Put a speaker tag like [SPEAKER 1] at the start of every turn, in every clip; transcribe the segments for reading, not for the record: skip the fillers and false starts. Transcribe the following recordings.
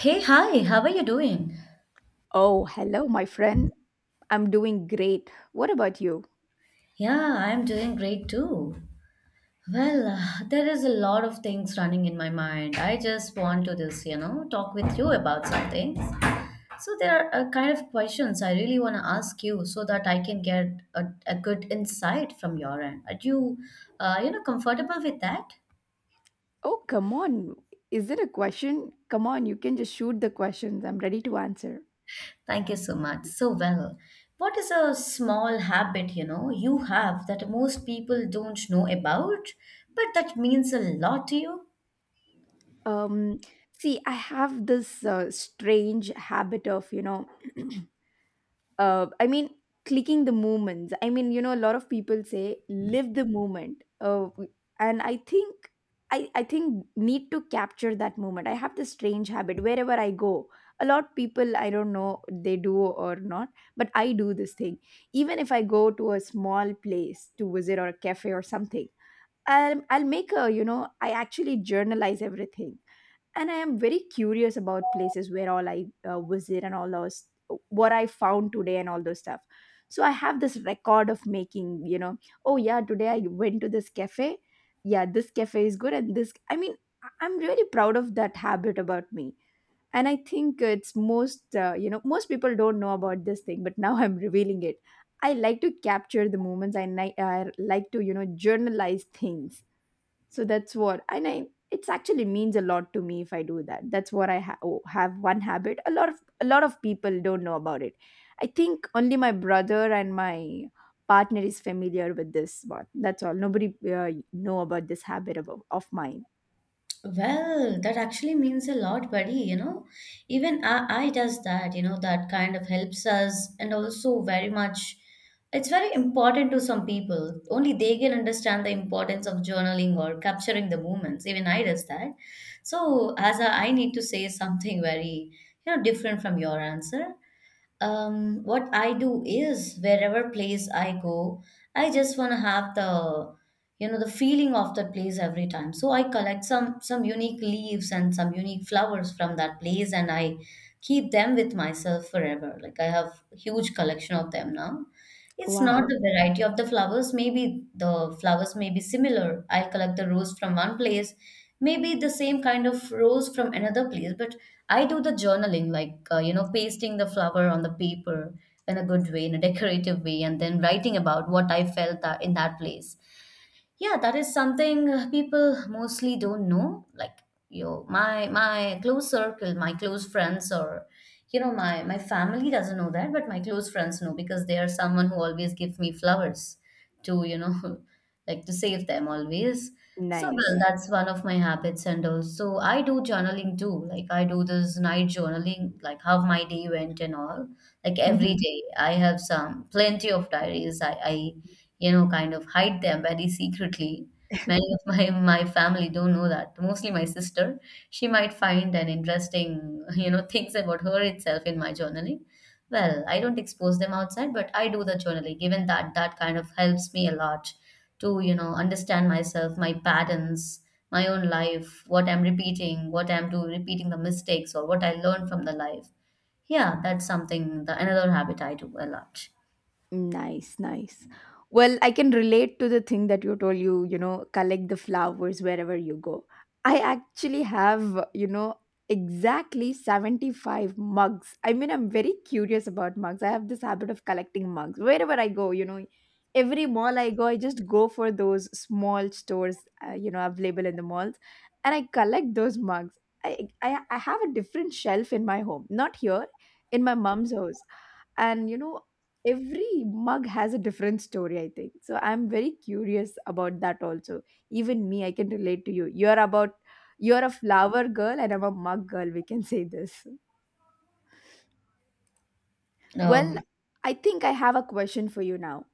[SPEAKER 1] Hey, hi, how are you doing?
[SPEAKER 2] Oh, hello, my friend. I'm doing great. What about you?
[SPEAKER 1] Yeah, I'm doing great too. Well, there is a lot of things running in my mind. I just want to this, you know, talk with you about some things. So there are a kind of questions I really want to ask you so that I can get a good insight from your end. Are you, you know, comfortable with that?
[SPEAKER 2] Oh, come on. Is it a question? Come on, you can just shoot the questions. I'm ready to answer.
[SPEAKER 1] Thank you so much. So well, what is a small habit, you know, you have that most people don't know about, but that means a lot to you?
[SPEAKER 2] Um, See, I have this strange habit of, you know, uh, I mean, clicking the moments. I mean, you know, a lot of people say live the moment, and I think need to capture that moment. I have this strange habit wherever I go. A lot people I don't know they do or not, but I do this thing. Even if I go to a small place to visit or a cafe or something, I'll make a, you know, I actually journalize everything. And I am very curious about places where all I visit and all those, what I found today and all those stuff. So I have this record of making, you know, oh yeah, today I went to this cafe. Yeah, this cafe is good. And this, I mean, I'm really proud of that habit about me. And I think it's most, most people don't know about this thing, but now I'm revealing it. I like to capture the moments and I like to, you know, journalize things. So that's what, and I it's actually means a lot to me if I do that. That's what I have one habit. A lot of people don't know about it. I think only my brother and my partner is familiar with this one. That's all. Nobody know about this habit of mine.
[SPEAKER 1] Well, that actually means a lot, buddy, you know. Even I does that, you know, that kind of helps us and also very much it's very important to some people. Only they can understand the importance of journaling or capturing the moments. Even I does that. So as a, I need to say something very, you know, different from your answer. What I do is wherever place I go, I just want to have the, you know, the feeling of that place every time. So I collect some unique leaves and some unique flowers from that place, and I keep them with myself forever. Like I have huge collection of them now. It's not
[SPEAKER 2] Wow.
[SPEAKER 1] the variety of the flowers. Maybe the flowers may be similar. I'll collect the rose from one place, maybe the same kind of rose from another place. But I do the journaling, like, you know, pasting the flower on the paper in a good way, in a decorative way, and then writing about what I felt that in that place. Yeah, that is something people mostly don't know. Like you, my close circle, my close friends, or you know, my family doesn't know that, but my close friends know because they are someone who always give me flowers to, you know, like to save them always. So well,
[SPEAKER 2] Nice.
[SPEAKER 1] that's one of my habits, and also I do journaling too. Like I do this night journaling, like how my day went and all. Like every day, I have some plenty of diaries. I you know, kind of hide them very secretly. Many of my family don't know that. Mostly my sister. She might find an interesting, you know, things about her itself in my journaling. Well, I don't expose them outside, but I do the journaling, given that that kind of helps me a lot to, you know, understand myself, my patterns, my own life, what I'm repeating, what I'm doing, repeating the mistakes or what I learned from the life. Yeah, that's something, the, another habit I do a lot.
[SPEAKER 2] Nice, nice. Well, I can relate to the thing that you told you, you know, collect the flowers wherever you go. I actually have, you know, exactly 75 mugs. I mean, I'm very curious about mugs. I have this habit of collecting mugs wherever I go, you know. Every mall I go, I just go for those small stores, you know, available in the malls, and I collect those mugs. I have a different shelf in my home, not here, in my mom's house. And you know, every mug has a different story, I think. So I'm very curious about that also. Even me, I can relate to you. You're about, you're a flower girl and I'm a mug girl. We can say this. Well,
[SPEAKER 1] Oh,
[SPEAKER 2] I think I have a question for you now.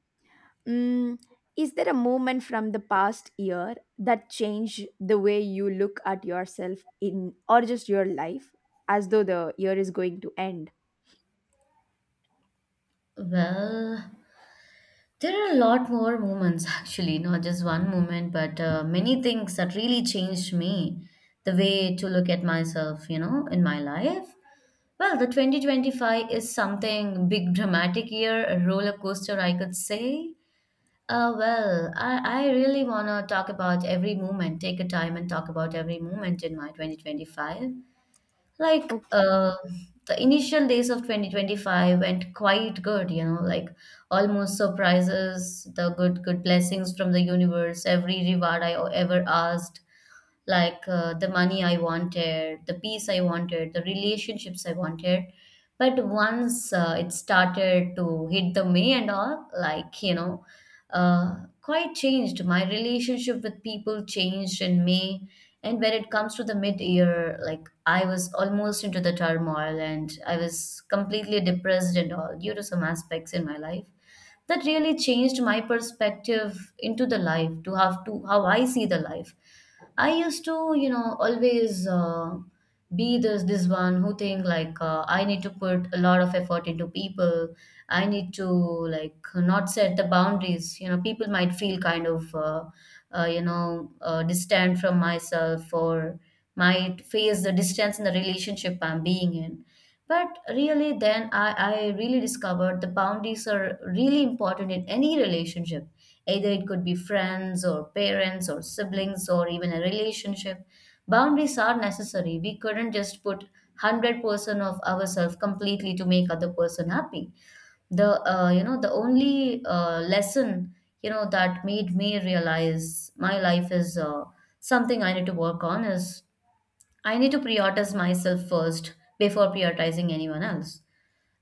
[SPEAKER 2] mm, is there a moment from the past year that changed the way you look at yourself in, or just your life, as though the year is going to end?
[SPEAKER 1] well, there are a lot more moments, actually, not just one moment, but many things that really changed me, the way to look at myself, you know, in my life. Well, the 2025 is something big, dramatic year, a roller coaster, I could say. Well, I really want to talk about every moment, take a time and talk about every moment in my 2025, like
[SPEAKER 2] Okay.
[SPEAKER 1] the initial days of 2025 went quite good, you know, like almost surprises the good blessings from the universe, every reward I ever asked, like the money I wanted, the peace I wanted, the relationships I wanted. But once it started to hit the me and all, like, you know, quite changed. My relationship with people changed in May. And when it comes to the mid year, like I was almost into the turmoil and I was completely depressed and all due to some aspects in my life. That really changed my perspective into the life, to have to how I see the life. I used to, you know, always be this one who think like I need to put a lot of effort into people. I need to like not set the boundaries. You know, people might feel kind of, you know, distant from myself or might face the distance in the relationship I'm being in. But really, then I really discovered the boundaries are really important in any relationship. Either it could be friends or parents or siblings or even a relationship. Boundaries are necessary. We couldn't just put 100% of ourselves completely to make other person happy. The you know, the only lesson, you know, that made me realize my life is something I need to work on is I need to prioritize myself first before prioritizing anyone else.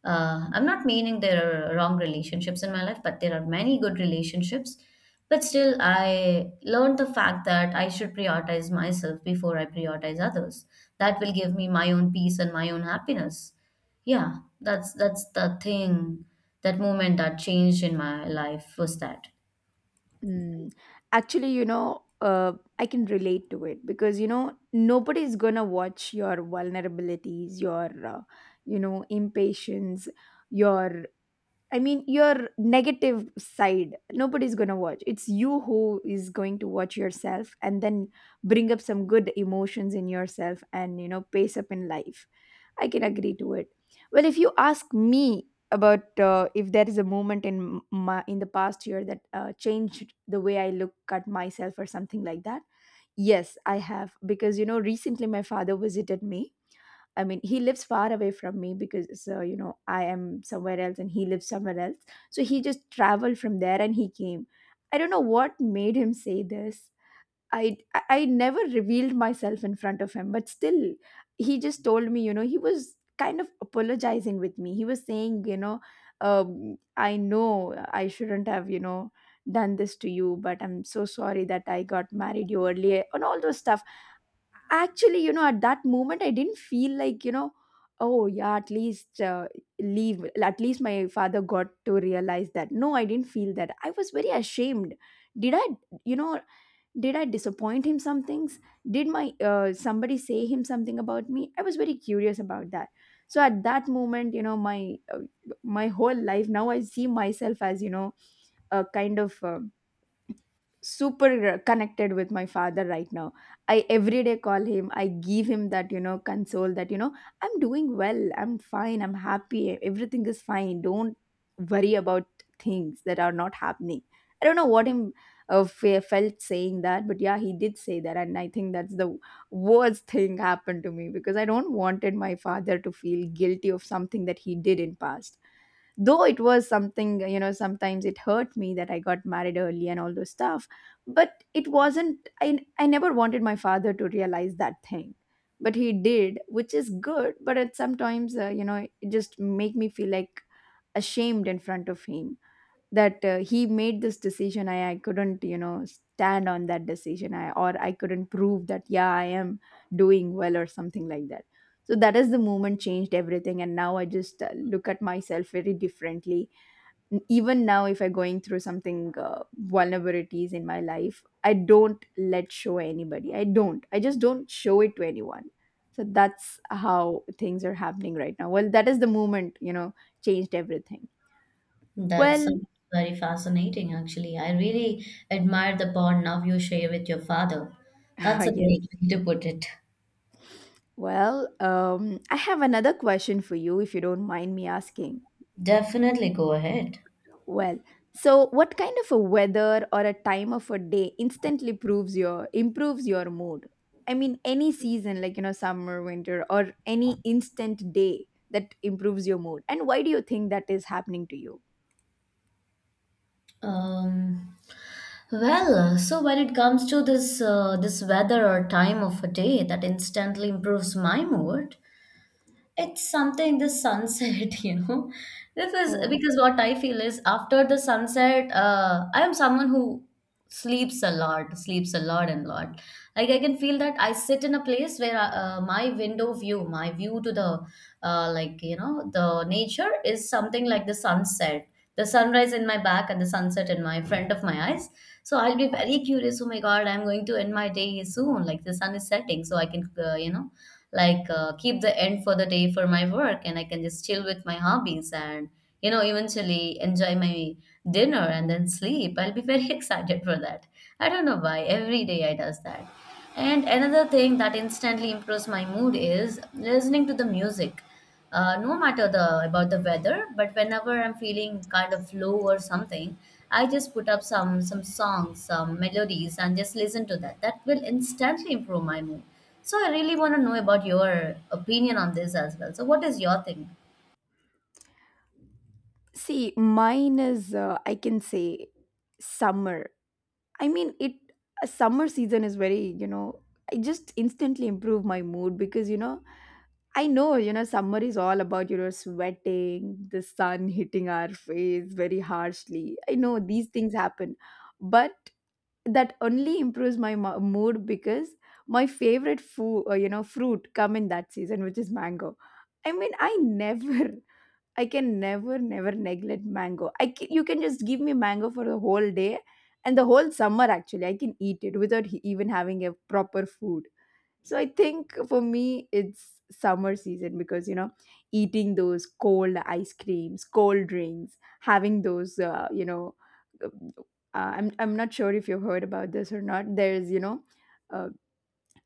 [SPEAKER 1] I'm not meaning there are wrong relationships in my life, but there are many good relationships. But still, I learned the fact that I should prioritize myself before I prioritize others. That will give me my own peace and my own happiness. Yeah, that's the thing. That moment that changed in my life was that.
[SPEAKER 2] Mm. Actually, you know, I can relate to it because, you know, nobody's gonna watch your vulnerabilities, your, impatience, your your negative side, nobody's going to watch. It's you who is going to watch yourself and then bring up some good emotions in yourself and, you know, pace up in life. I can agree to it. Well, if you ask me about, if there is a moment in my in the past year that changed the way I look at myself or something like that, yes, I have. Because you know, recently my father visited me. I mean, he lives far away from me because, you know, I am somewhere else and he lives somewhere else. So he just traveled from there and he came. I don't know what made him say this. I never revealed myself in front of him, but still, he just told me, you know, he was kind of apologizing with me. He was saying, you know, I know I shouldn't have, you know, done this to you, but I'm so sorry that I got married you earlier and all those stuff. Actually, you know, at that moment I didn't feel like, you know, oh yeah, at least leave at least my father got to realize that. No, I didn't feel that. I was very ashamed. Did I, you know, did I disappoint him some things? Did my somebody say him something about me? I was very curious about that. So at that moment, you know, my my whole life, now I see myself as, you know, a kind of super connected with my father right now. I every day call him, I give him that, you know, console that, you know, I'm doing well, I'm fine, I'm happy, everything is fine, don't worry about things that are not happening. I don't know what him felt saying that, but yeah, he did say that. And I think that's the worst thing happened to me, because I don't wanted my father to feel guilty of something that he did in past. Though it was something, you know, sometimes it hurt me that I got married early and all those stuff, but it wasn't, I never wanted my father to realize that thing. But he did, which is good, but it sometimes, you know, it just make me feel like ashamed in front of him. That he made this decision, I couldn't, you know, stand on that decision, or I couldn't prove that yeah I am doing well or something like that. So that is the moment changed everything, and now I just look at myself very differently. Even now if I'm going through something, vulnerabilities in my life, I don't let show anybody, I just don't show it to anyone. So that's how things are happening right now. Well, that is the moment, you know, changed everything.
[SPEAKER 1] That
[SPEAKER 2] Well,
[SPEAKER 1] sounds very fascinating, actually. I really admire the bond now you share with your father. That's a
[SPEAKER 2] yes.
[SPEAKER 1] great way to put it.
[SPEAKER 2] Well, I have another question for you if you don't mind me asking.
[SPEAKER 1] Definitely go ahead.
[SPEAKER 2] Well, so what kind of a weather or a time of a day instantly proves your improves your mood? I mean, any season like, you know, summer, winter, or any instant day that improves your mood. And why do you think that is happening to you?
[SPEAKER 1] Um, well, so when it comes to this weather or time of a day that instantly improves my mood, it's something the sunset, you know. Because
[SPEAKER 2] Oh,
[SPEAKER 1] because what I feel is after the sunset, I am someone who sleeps a lot and lot. Like I can feel that I sit in a place where my window view, my view to the like, you know, the nature is something like the sunset, the sunrise in my back and the sunset in my front of my eyes. So I'll be very curious, oh my god, I'm going to end my day soon, like the sun is setting, so I can, you know, like keep the end for the day for my work and I can just chill with my hobbies and, you know, eventually enjoy my dinner and then sleep. I'll be very excited for that. I don't know why every day I does that. And another thing that instantly improves my mood is listening to the music. No matter the about the weather, but whenever I'm feeling kind of low or something, I just put up some songs, some melodies, and just listen to that. That will instantly improve my mood. So I really want to know about your opinion on this as well. So what is your thing?
[SPEAKER 2] see, mine is, I can say summer. I mean, it A summer season is very, you know, I just instantly improve my mood because, you know, I know, you know, summer is all about, you know, sweating, the sun hitting our face very harshly. I know these things happen, but that only improves my mood because my favorite food, fruit come in that season, which is mango. I mean, I never I can never neglect mango. I can, you can just give me mango for the whole day and the whole summer actually. I can eat it without even having a proper food. So I think for me it's summer season, because you know, eating those cold ice creams, cold drinks, having those uh, I'm not sure if you've heard about this or not. There's, you know, Uh,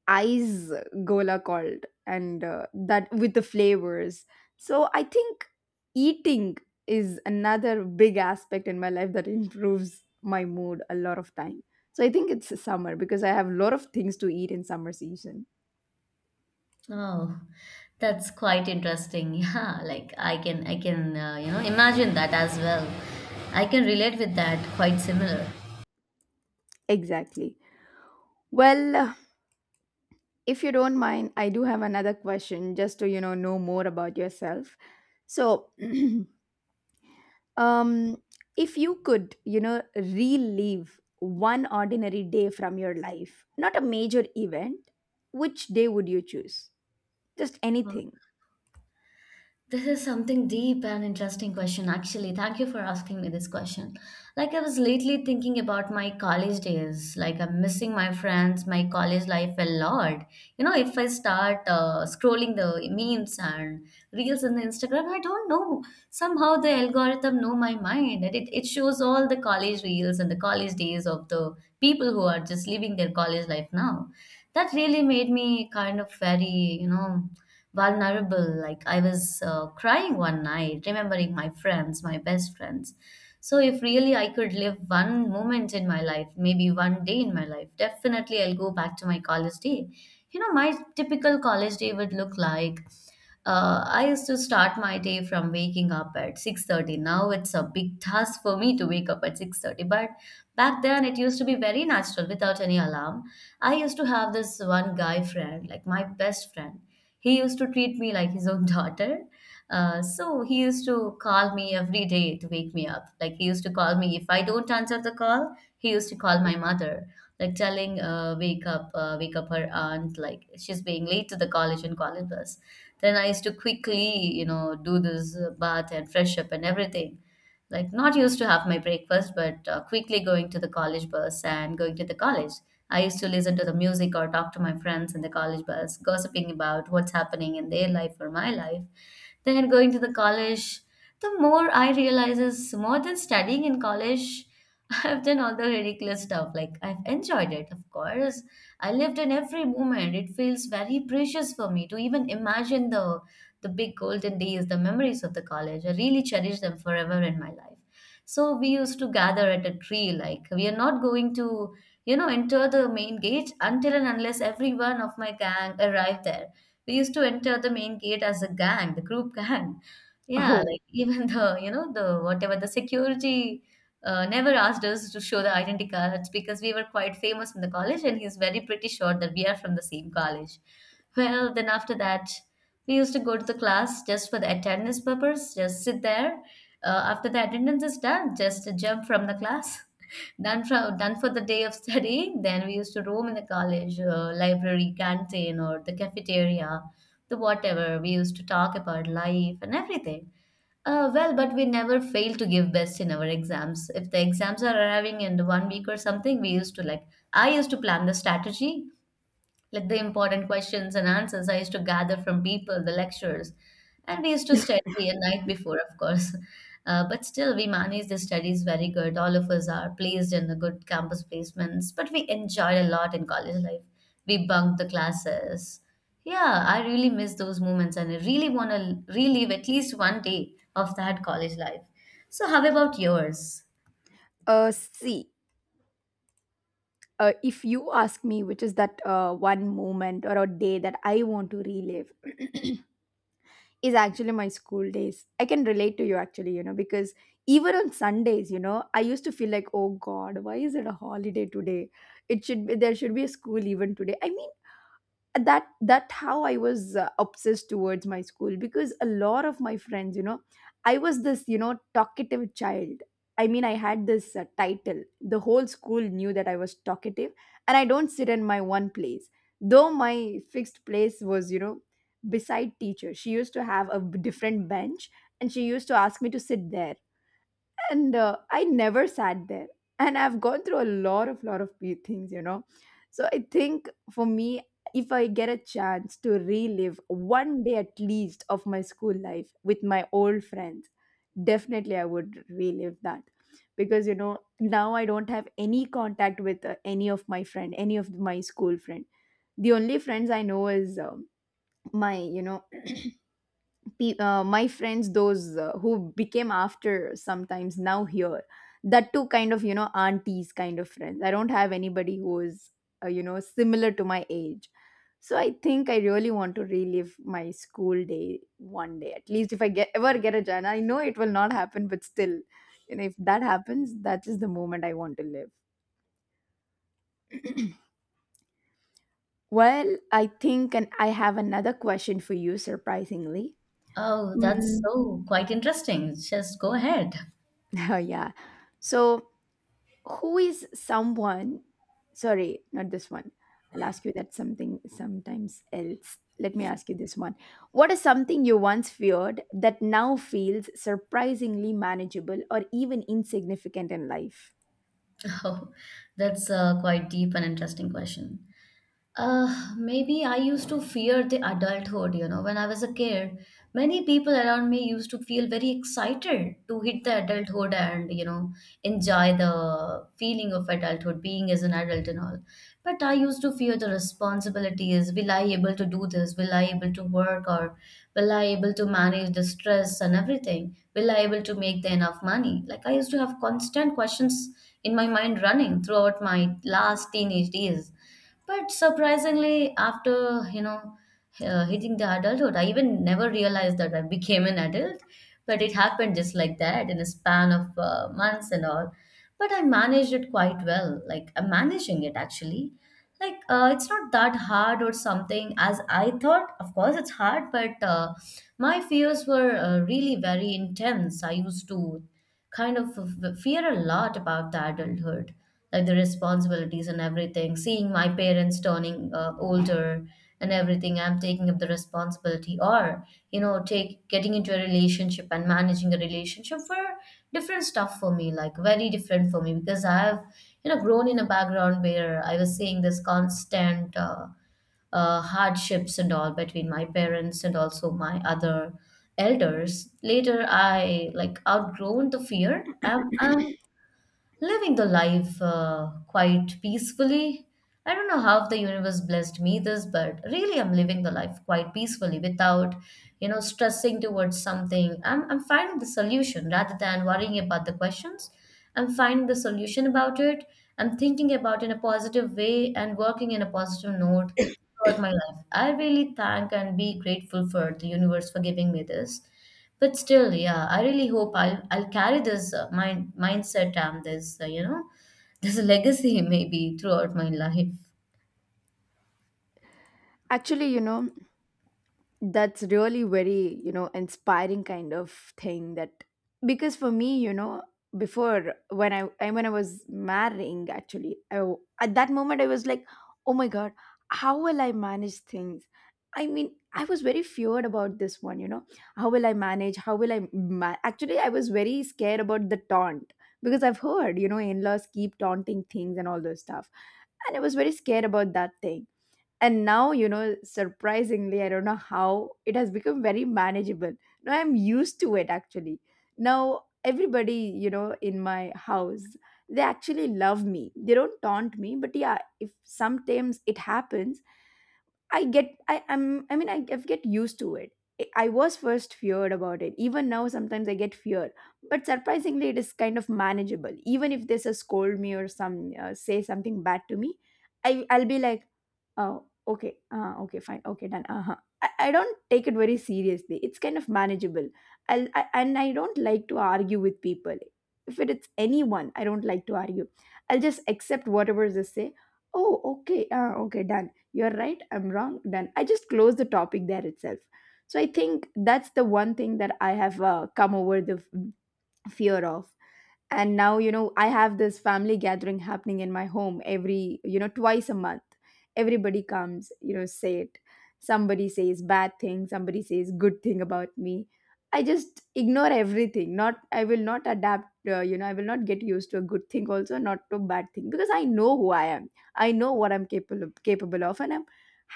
[SPEAKER 2] ice gola called, and that with the flavors. So I think eating is another big aspect in my life that improves my mood a lot of time. So I think it's summer because I have a lot of things to eat in summer season.
[SPEAKER 1] Oh, that's quite interesting. Yeah, like I can you know, imagine that as well. I can relate with that quite similar.
[SPEAKER 2] Exactly. Well, if you don't mind, I do have another question just to, you know more about yourself. So um if you could, you know, relive one ordinary day from your life, not a major event, which day would you choose? Just anything.
[SPEAKER 1] This is something deep and interesting question, actually. Thank you for asking me this question. Like, I was lately thinking about my college days. Like, I'm missing my friends, my college life a lot. You know, if I start scrolling the memes and reels on Instagram, I don't know. Somehow the algorithm know my mind, and it shows all the college reels and the college days of the people who are just living their college life now, that really made me kind of very, you know, vulnerable. Like I was crying one night, remembering my friends, my best friends. So if really I could live one moment in my life, maybe one day in my life, definitely I'll go back to my college day. You know, my typical college day would look like, I used to start my day from waking up at 6:30. Now it's a big task for me to wake up at 6:30, but back then it used to be very natural without any alarm. I used to have this one guy friend, like my best friend. He used to treat me like his own daughter. So he used to call me every day to wake me up. Like he used to call me, if I don't answer the call, he used to call my mother, like telling, wake up, her aunt. Like she's being late to the college and calling us." Then I used to quickly, you know, do this bath and fresh up and everything, like not used to have my breakfast, but quickly going to the college bus and going to the college. I used to listen to the music or talk to my friends in the college bus, gossiping about what's happening in their life or my life, then going to the college. The more I realize is more than studying in college, I've done all the ridiculous stuff. Like I've enjoyed it, of course. I lived in every moment. It feels very precious for me to even imagine the big golden days, the memories of the college. I really cherish them forever in my life. So we used to gather at a tree, like we are not going to, enter the main gate until and unless every one of my gang arrived there. We used to enter the main gate as a gang, the group gang. Yeah,
[SPEAKER 2] Oh,
[SPEAKER 1] like even the whatever the security never asked us to show the identity cards because we were quite famous in the college and he's very pretty sure that we are from the same college. Well, then after that, we used to go to the class just for the attendance purpose, just sit there. After the attendance is done, just jump from the class. Done for the day of studying. Then we used to roam in the college library, canteen, or the cafeteria, the whatever. We used to talk about life and everything. But we never fail to give best in our exams. If the exams are arriving in one week or something, we used to I used to plan the strategy like the important questions and answers I used to gather from people, the lectures, and we used to study a night before, of course. But still, we managed the studies very good. All of us are placed in the good campus placements, but we enjoyed a lot in college life. We bunked the classes. Yeah, I really miss those moments, and I really want to relive at least one day of that college life. So, how about yours?
[SPEAKER 2] see, if you ask me which is that one moment or a day that I want to relive, is actually my school days. I can relate to you actually, you know, because even on Sundays, you know, I used to feel like, oh God, why is it a holiday today? It should be there should be a school even today. I mean, that how I was obsessed towards my school. Because a lot of my friends, you know, I was this, you know, talkative child. I mean, I had this title. The whole school knew that I was talkative and I don't sit in my one place. Though my fixed place was, you know, beside teacher. She used to have a different bench and she used to ask me to sit there, and I never sat there. And I've gone through a lot of things, you know. So I think for me, if I get a chance to relive one day at least of my school life with my old friends, definitely I would relive that. Because you know, now I don't have any contact with any of my friend, any of my school friend. The only friends I know is my, you know, my friends those who became after sometimes now here. That too, kind of, you know, aunties kind of friends. I don't have anybody who is you know, similar to my age. So I think I really want to relive my school day one day at least, if I get ever get a chance. I know it will not happen, but still, you know, if that happens, that is the moment I want to live. Well, I think, and I have another question for you surprisingly.
[SPEAKER 1] Oh, that's
[SPEAKER 2] mm,
[SPEAKER 1] so quite interesting. Just go ahead.
[SPEAKER 2] yeah. So who is someone, sorry, not this one. I'll ask you that something sometimes else. Let me ask you this one. What is something you once feared that now feels surprisingly manageable or even insignificant in life?
[SPEAKER 1] Oh, that's quite deep and interesting question. Maybe I used to fear the adulthood, you know, when I was a kid. Many people around me used to feel very excited to hit the adulthood and, you know, enjoy the feeling of adulthood, being as an adult and all. But I used to fear the responsibilities. Will I able to do this? Will I able to work or will I able to manage the stress and everything? Will I able to make the enough money? Like I used to have constant questions in my mind running throughout my last teenage days but surprisingly, after hitting the adulthood, I even never realized that I became an adult. But it happened just like that in a span of months and all. But I managed it quite well. Like I'm managing it actually. Like it's not that hard or something as I thought. Of course, it's hard, but my fears were really very intense. I used to kind of fear a lot about the adulthood, like the responsibilities and everything. Seeing my parents turning older and everything, I'm taking up the responsibility, or you know, take getting into a relationship and managing a relationship were different stuff for me, like very different for me because I've you know grown in a background where I was seeing this constant. Hardships and all between my parents and also my other elders later I like outgrown the fear. I'm living the life quite peacefully. I don't know how the universe blessed me this, but really I'm living the life quite peacefully without, you know, stressing towards something. I'm finding the solution rather than worrying about the questions. I'm finding the solution about it. I'm thinking about it in a positive way and working in a positive note throughout my life. I really thank and be grateful for the universe for giving me this. But still, yeah, I really hope I'll carry this mindset and this this legacy maybe throughout my life.
[SPEAKER 2] Actually, you know, that's really very, you know, inspiring kind of thing. That because for me, you know, before when when I was marrying actually, at that moment I was like, oh my God, how will I manage things? I mean, I was very feared about this one, you know. How will I manage? How will I ma- Actually, I was very scared about the taunt because I've heard, you know, in-laws keep taunting things and all those stuff, and I was very scared about that thing. And now, you know, surprisingly, I don't know how it has become very manageable. Now I'm used to it actually. Now everybody, you know, in my house, they actually love me, they don't taunt me. But yeah, if sometimes it happens, I get used to it. I was first feared about it. Even now, sometimes I get fear, but surprisingly, it is kind of manageable. Even if they scold me or some say something bad to me, I I'll be like, oh, okay. Okay, fine. Okay, done. Uh-huh. I don't take it very seriously. It's kind of manageable. I'll, I and I don't like to argue with people. If it's anyone, I don't like to argue. I'll just accept whatever they say. Oh, okay. Okay, done. You're right. I'm wrong. Done. I just close the topic there itself. So I think that's the one thing that I have come over the fear of. And now, you know, I have this family gathering happening in my home every, you know, 2 times a month. Everybody comes, you know, say it. Somebody says bad thing, somebody says good thing about me. I just ignore everything. Not, I will not adapt, you know, I will not get used to a good thing also, not to bad thing. Because I know who I am, I know what I'm capable of, and I'm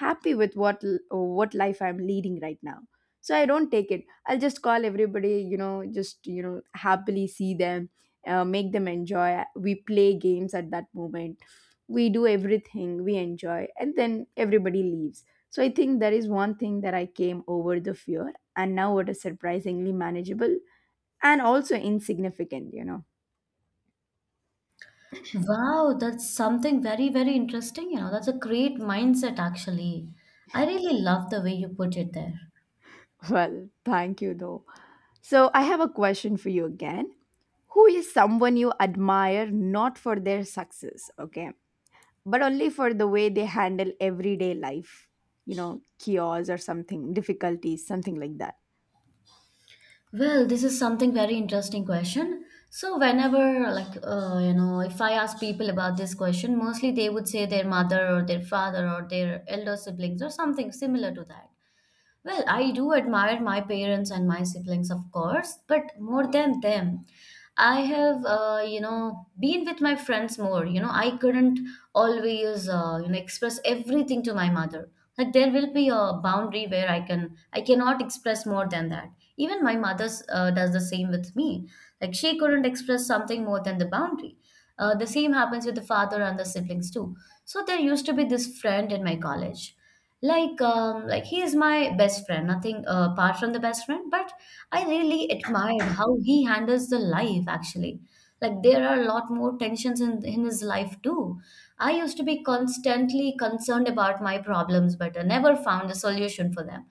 [SPEAKER 2] happy with what life I'm leading right now. So I don't take it. I'll just call everybody, you know, just, you know, happily see them, make them enjoy, we play games at that moment, we do everything, we enjoy, and then everybody leaves. So I think that is one thing that I came over the fear and now it is surprisingly manageable and also insignificant, you know.
[SPEAKER 1] Wow, that's something very, very interesting. You know, that's a great mindset, actually. I really love the way you put it there.
[SPEAKER 2] well, thank you though. So I have a question for you again. Who is someone you admire, not for their success, okay, but only for the way they handle everyday life, you know, chaos or something, difficulties, something like that?
[SPEAKER 1] Well, this is something very interesting question. So whenever like if I ask people about this question, mostly they would say their mother or their father or their elder siblings or something similar to that. Well, I do admire my parents and my siblings, of course, but more than them, I have, been with my friends more. You know, I couldn't always, express everything to my mother. Like there will be a boundary where I cannot express more than that. Even my mother does the same with me. Like she couldn't express something more than the boundary. The same happens with the father and the siblings too. So there used to be this friend in my college like he is my best friend, nothing apart from the best friend, but I really admired how he handles the life actually. Like there are a lot more tensions in his life too. I used to be constantly concerned about my problems but I never found a solution for them.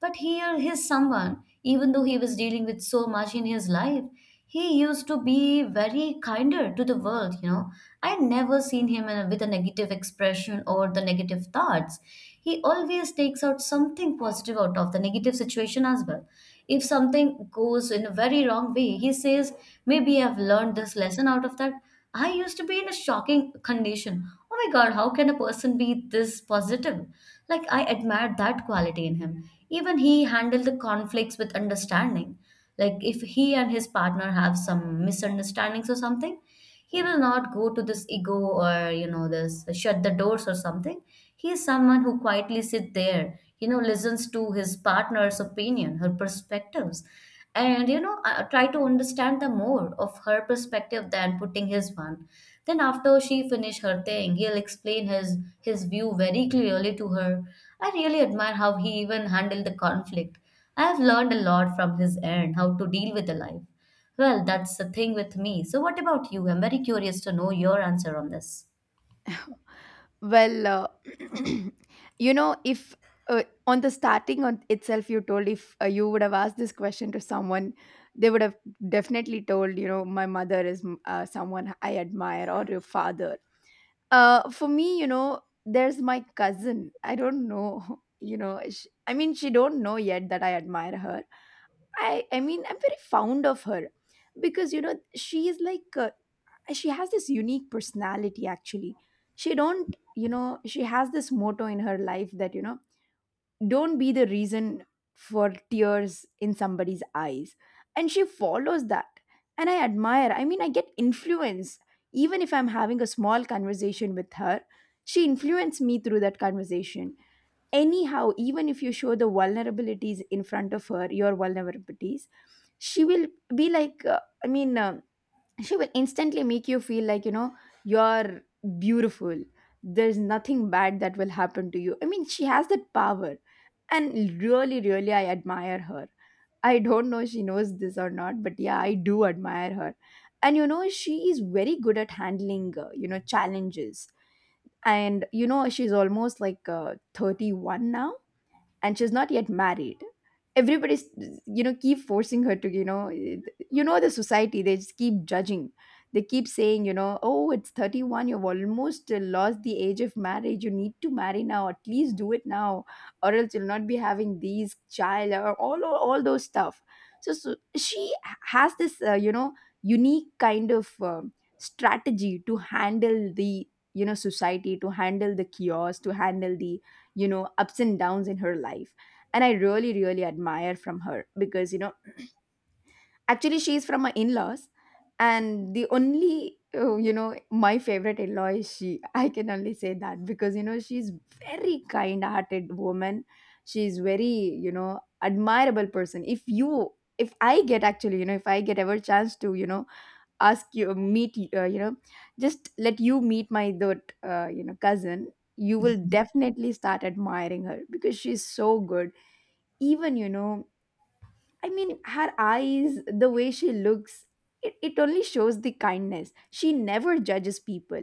[SPEAKER 1] But here, he's someone, even though he was dealing with so much in his life, he used to be very kinder to the world, you know. I never seen him with a negative expression or the negative thoughts. He always takes out something positive out of the negative situation as well. If something goes in a very wrong way, he says, maybe I've learned this lesson out of that. I used to be in a shocking condition. Oh my God, how can a person be this positive? Like, I admired that quality in him. Even he handled the conflicts with understanding. Like, if he and his partner have some misunderstandings or something, he will not go to this ego or, you know, this shut the doors or something. He is someone who quietly sits there, you know, listens to his partner's opinion, her perspectives, and you know try to understand the more of her perspective than putting his one. Then after she finish her thing, he'll explain his view very clearly to her. I really admire how he even handled the conflict. I have learned a lot from his end how to deal with the life. Well, that's the thing with me. So what about you? I'm very curious to know your answer on this.
[SPEAKER 2] Well, you know, if on the starting on itself, you told if you would have asked this question to someone, they would have definitely told, you know, my mother is someone I admire or your father. For me, you know, there's my cousin. I don't know, you know, sh I mean, she don't know yet that I admire her. I mean, I'm very fond of her. Because you know, she is like, she has this unique personality actually. She don't, you know, she has this motto in her life that, you know, don't be the reason for tears in somebody's eyes, and she follows that. And I admire, I mean, I get influence even if I'm having a small conversation with her. She influenced me through that conversation. Anyhow, even if you show the vulnerabilities in front of her, your vulnerabilities, she will be like she will instantly make you feel like, you know, you're beautiful. There's nothing bad that will happen to you. I mean, she has that power. And really, really, I admire her. I don't know she knows this or not, but yeah, I do admire her. And you know, she is very good at handling you know, challenges. And you know, she's almost like 31 now, and she's not yet married. Everybody's, you know, keep forcing her to, you know, you know, the society, they just keep judging. They keep saying, you know, oh, it's 31, you've almost lost the age of marriage, you need to marry now, at least do it now, or else you'll not be having these child, or all those stuff. So, so she has this you know, unique kind of strategy to handle the, you know, society, to handle the chaos, to handle the, you know, ups and downs in her life. And I really really admire from her. Because you know, actually she's from my in-laws, and the only you know, my favorite in-law is she, I can only say that. Because you know, she's very kind-hearted woman. She's very, you know, admirable person. If you, if I get actually, you know, if I get ever chance to, you know, ask you meet you know, just let you meet my that you know, cousin, you will definitely start admiring her because she's so good. Even you know, I mean, her eyes, the way she looks, it only shows the kindness. She never judges people,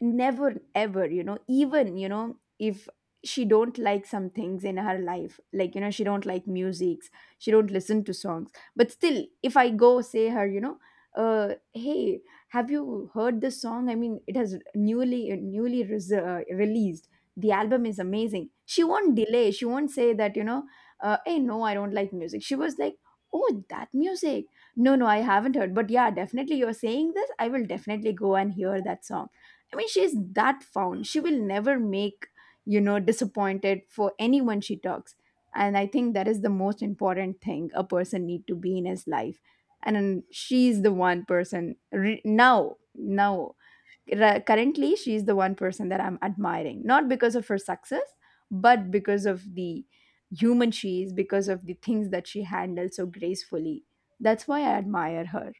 [SPEAKER 2] never ever, you know, even you know, if she don't like some things in her life, like, you know, she don't like musics, she don't listen to songs. But still, if I go say her, you know, uh, hey, have you heard this song? I mean, it has newly released. The album is amazing. She won't delay, she won't say that, you know, hey, no, I don't like music. She was like, oh, that music, no, no, I haven't heard, but yeah, definitely, you're saying this, I will definitely go and hear that song. I mean, she's that found. She will never make, you know, disappointed for anyone she talks. And I think that is the most important thing a person need to be in his life. And then she's the one person now, currently, she's the one person that I'm admiring, not because of her success, but because of the human she is, because of the things that she handles so gracefully. That's why I admire her.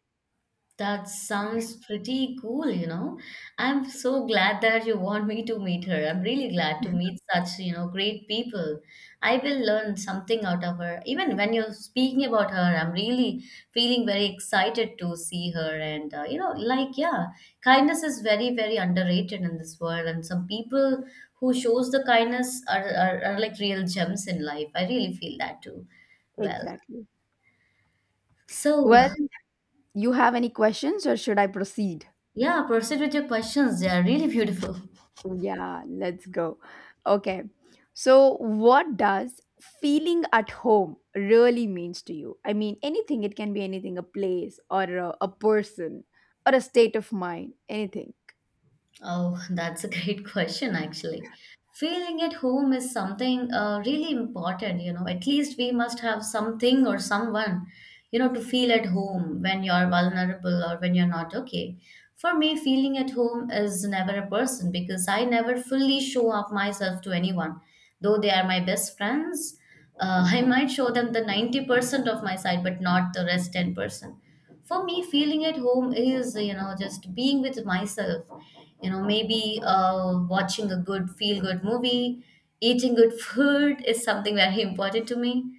[SPEAKER 1] That sounds pretty cool, you know. I'm so glad that you want me to meet her. I'm really glad to meet such, you know, great people. I will learn something out of her. Even when you're speaking about her, I'm really feeling very excited to see her. And, you know, like, yeah, kindness is very, very underrated in this world. And some people who shows the kindness are like real gems in life. I really feel that too. Well,
[SPEAKER 2] Exactly.
[SPEAKER 1] so
[SPEAKER 2] Well, you have any questions or should I proceed?
[SPEAKER 1] yeah, proceed with your questions. They are really beautiful.
[SPEAKER 2] Yeah, let's go. Okay. So, what does feeling at home really means to you? I mean, anything, it can be anything, a place or a person or a state of mind, anything.
[SPEAKER 1] Oh, that's a great question, actually. Feeling at home is something really important, you know. At least we must have something or someone, you know, to feel at home when you're vulnerable or when you're not okay. For me, feeling at home is never a person because I never fully show up myself to anyone. Though they are my best friends, I might show them the 90% of my side, but not the rest 10%. For me, feeling at home is, you know, just being with myself. You know, maybe watching a good, feel good movie, eating good food is something very important to me.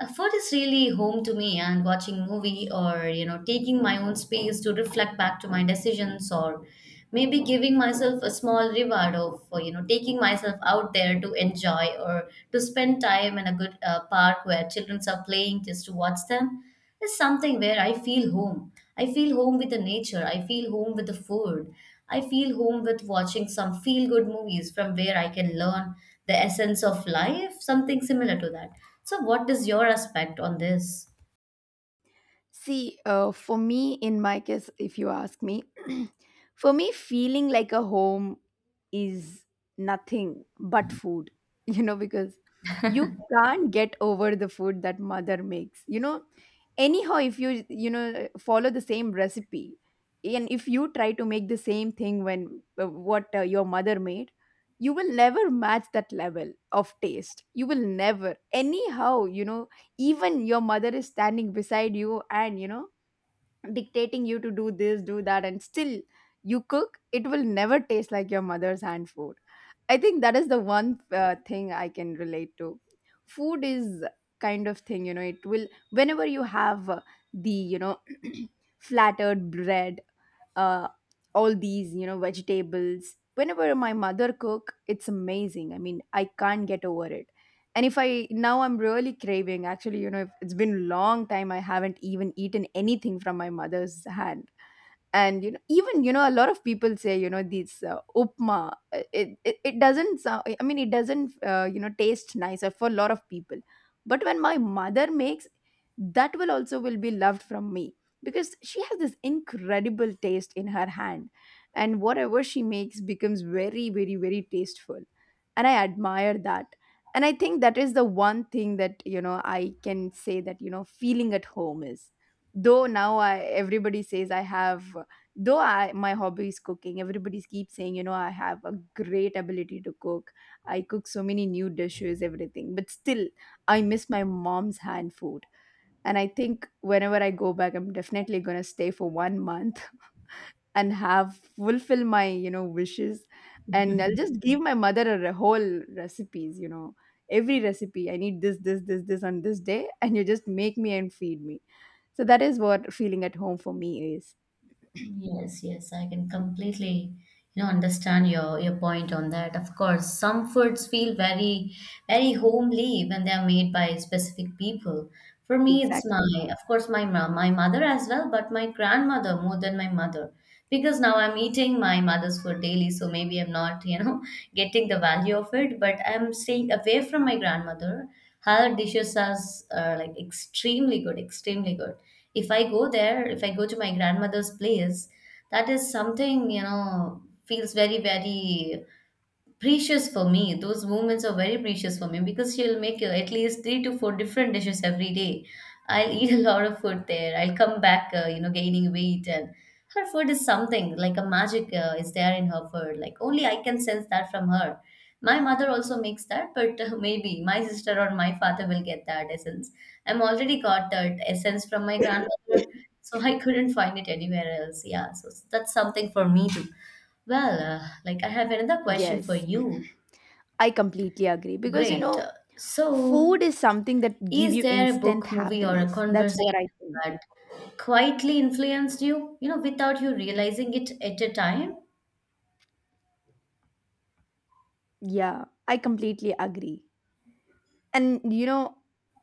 [SPEAKER 1] Food is really home to me, and watching movie or, you know, taking my own space to reflect back to my decisions or maybe giving myself a small reward of, you know, taking myself out there to enjoy or to spend time in a good park where children are playing just to watch them. It's something where I feel home. I feel home with the nature. I feel home with the food. I feel home with watching some feel good movies from where I can learn the essence of life, something similar to that. So, what is your aspect on this?
[SPEAKER 2] See, for me, in my case, if you ask me, for me, feeling like a home is nothing but food, you know, because you can't get over the food that mother makes. You know, anyhow, if you, you know, follow the same recipe, and if you try to make the same thing when what your mother made, you will never match that level of taste. You will never, anyhow, you know, even your mother is standing beside you and you know, dictating you to do this, do that, and still you cook, it will never taste like your mother's hand food. I think that is the one thing I can relate to. Food is kind of thing, you know, it will, whenever you have the, you know, flattered bread, uh, all these, you know, vegetables, whenever my mother cook, it's amazing. I mean, I can't get over it. And if I, now I'm really craving actually, you know, if it's been long time, I haven't even eaten anything from my mother's hand. And you know, even you know, a lot of people say, you know, these upma, it, it doesn't sound, I mean, it doesn't you know, taste nicer for a lot of people. But when my mother makes, that will also will be loved from me. Because she has this incredible taste in her hand, and whatever she makes becomes very very very tasteful, and I admire that. And I think that is the one thing that, you know, I can say that, you know, feeling at home is, though now everybody says I have, though I, my hobby is cooking, everybody keeps saying, you know, I have a great ability to cook. I cook so many new dishes, everything, but still I miss my mom's hand food. And I think whenever I go back, I'm definitely going to stay for one month and have fulfill my, you know, wishes. And I'll just give my mother a whole recipes, you know, every recipe, I need this this this this on this day, and you just make me and feed me. So that is what feeling at home for me is.
[SPEAKER 1] Yes, yes, I can completely, you know, understand your point on that. Of course, some foods feel very, very homely when they are made by specific people. For me, it's
[SPEAKER 2] Exactly,
[SPEAKER 1] my, of course, my my mother as well, but my grandmother more than my mother, because now I'm eating my mother's food daily, so maybe I'm not, you know, getting the value of it, but I'm staying away from my grandmother. Her dishes are like extremely good, extremely good. If I go to my grandmother's place, that is something, you know, feels very, very precious for me. Those moments are very precious for me because she'll make at least three to four different dishes every day. I'll eat a lot of food there. I'll come back, you know, gaining weight, and her food is something like a magic is there in her food. Like only I can sense that from her. My mother also makes that, but maybe my sister or my father will get that essence. I'm already got that essence from my grandmother, so I couldn't find it anywhere else. Yeah, so that's something for me to well, like I have another question for
[SPEAKER 2] yes,
[SPEAKER 1] you.
[SPEAKER 2] I completely agree. Because you
[SPEAKER 1] Great.
[SPEAKER 2] know,
[SPEAKER 1] So,
[SPEAKER 2] food is something that give
[SPEAKER 1] is
[SPEAKER 2] you
[SPEAKER 1] there a
[SPEAKER 2] instant
[SPEAKER 1] book, movie, or a
[SPEAKER 2] happiness. That's what I
[SPEAKER 1] conversation
[SPEAKER 2] think.
[SPEAKER 1] that quietly influenced you, you know, without you realizing it at a time?
[SPEAKER 2] Yeah, I completely agree. And you know,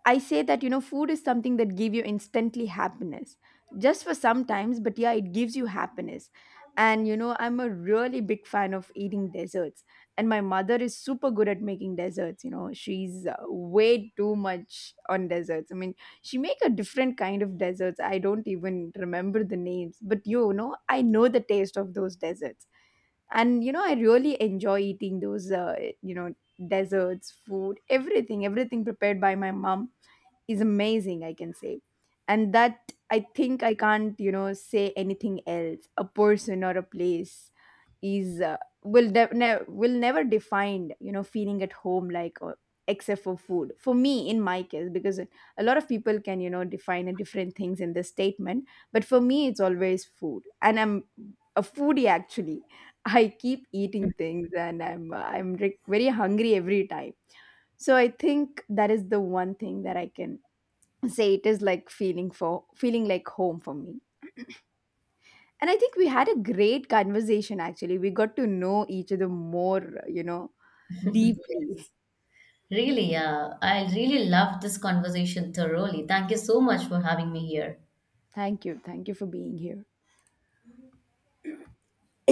[SPEAKER 2] I say that, you know, food is something that give you instantly happiness just for sometimes, but yeah, it gives you happiness. And you know, I'm a really big fan of eating desserts. And my mother is super good at making desserts. You know, she's way too much on desserts. I mean, she make a different kind of desserts, I don't even remember the names, but you know, I know the taste of those desserts. And you know, I really enjoy eating those you know, desserts, food, everything, everything prepared by my mom is amazing, I can say. And that, I think, I can't, you know, say anything else. A person or a place is will never define, you know, feeling at home, like, or except for food, for me, in my case, because a lot of people can, you know, define a different things in this statement. But for me, it's always food. And I'm a foodie actually. I keep eating things, and I'm very hungry every time. So I think that is the one thing that I can say it is like feeling for feeling like home for me. And I think we had a great conversation actually. We got to know each other more, you know, deeply.
[SPEAKER 1] Really, I really love this conversation thoroughly. Thank you so much for having me here.
[SPEAKER 2] Thank you. Thank you for being here.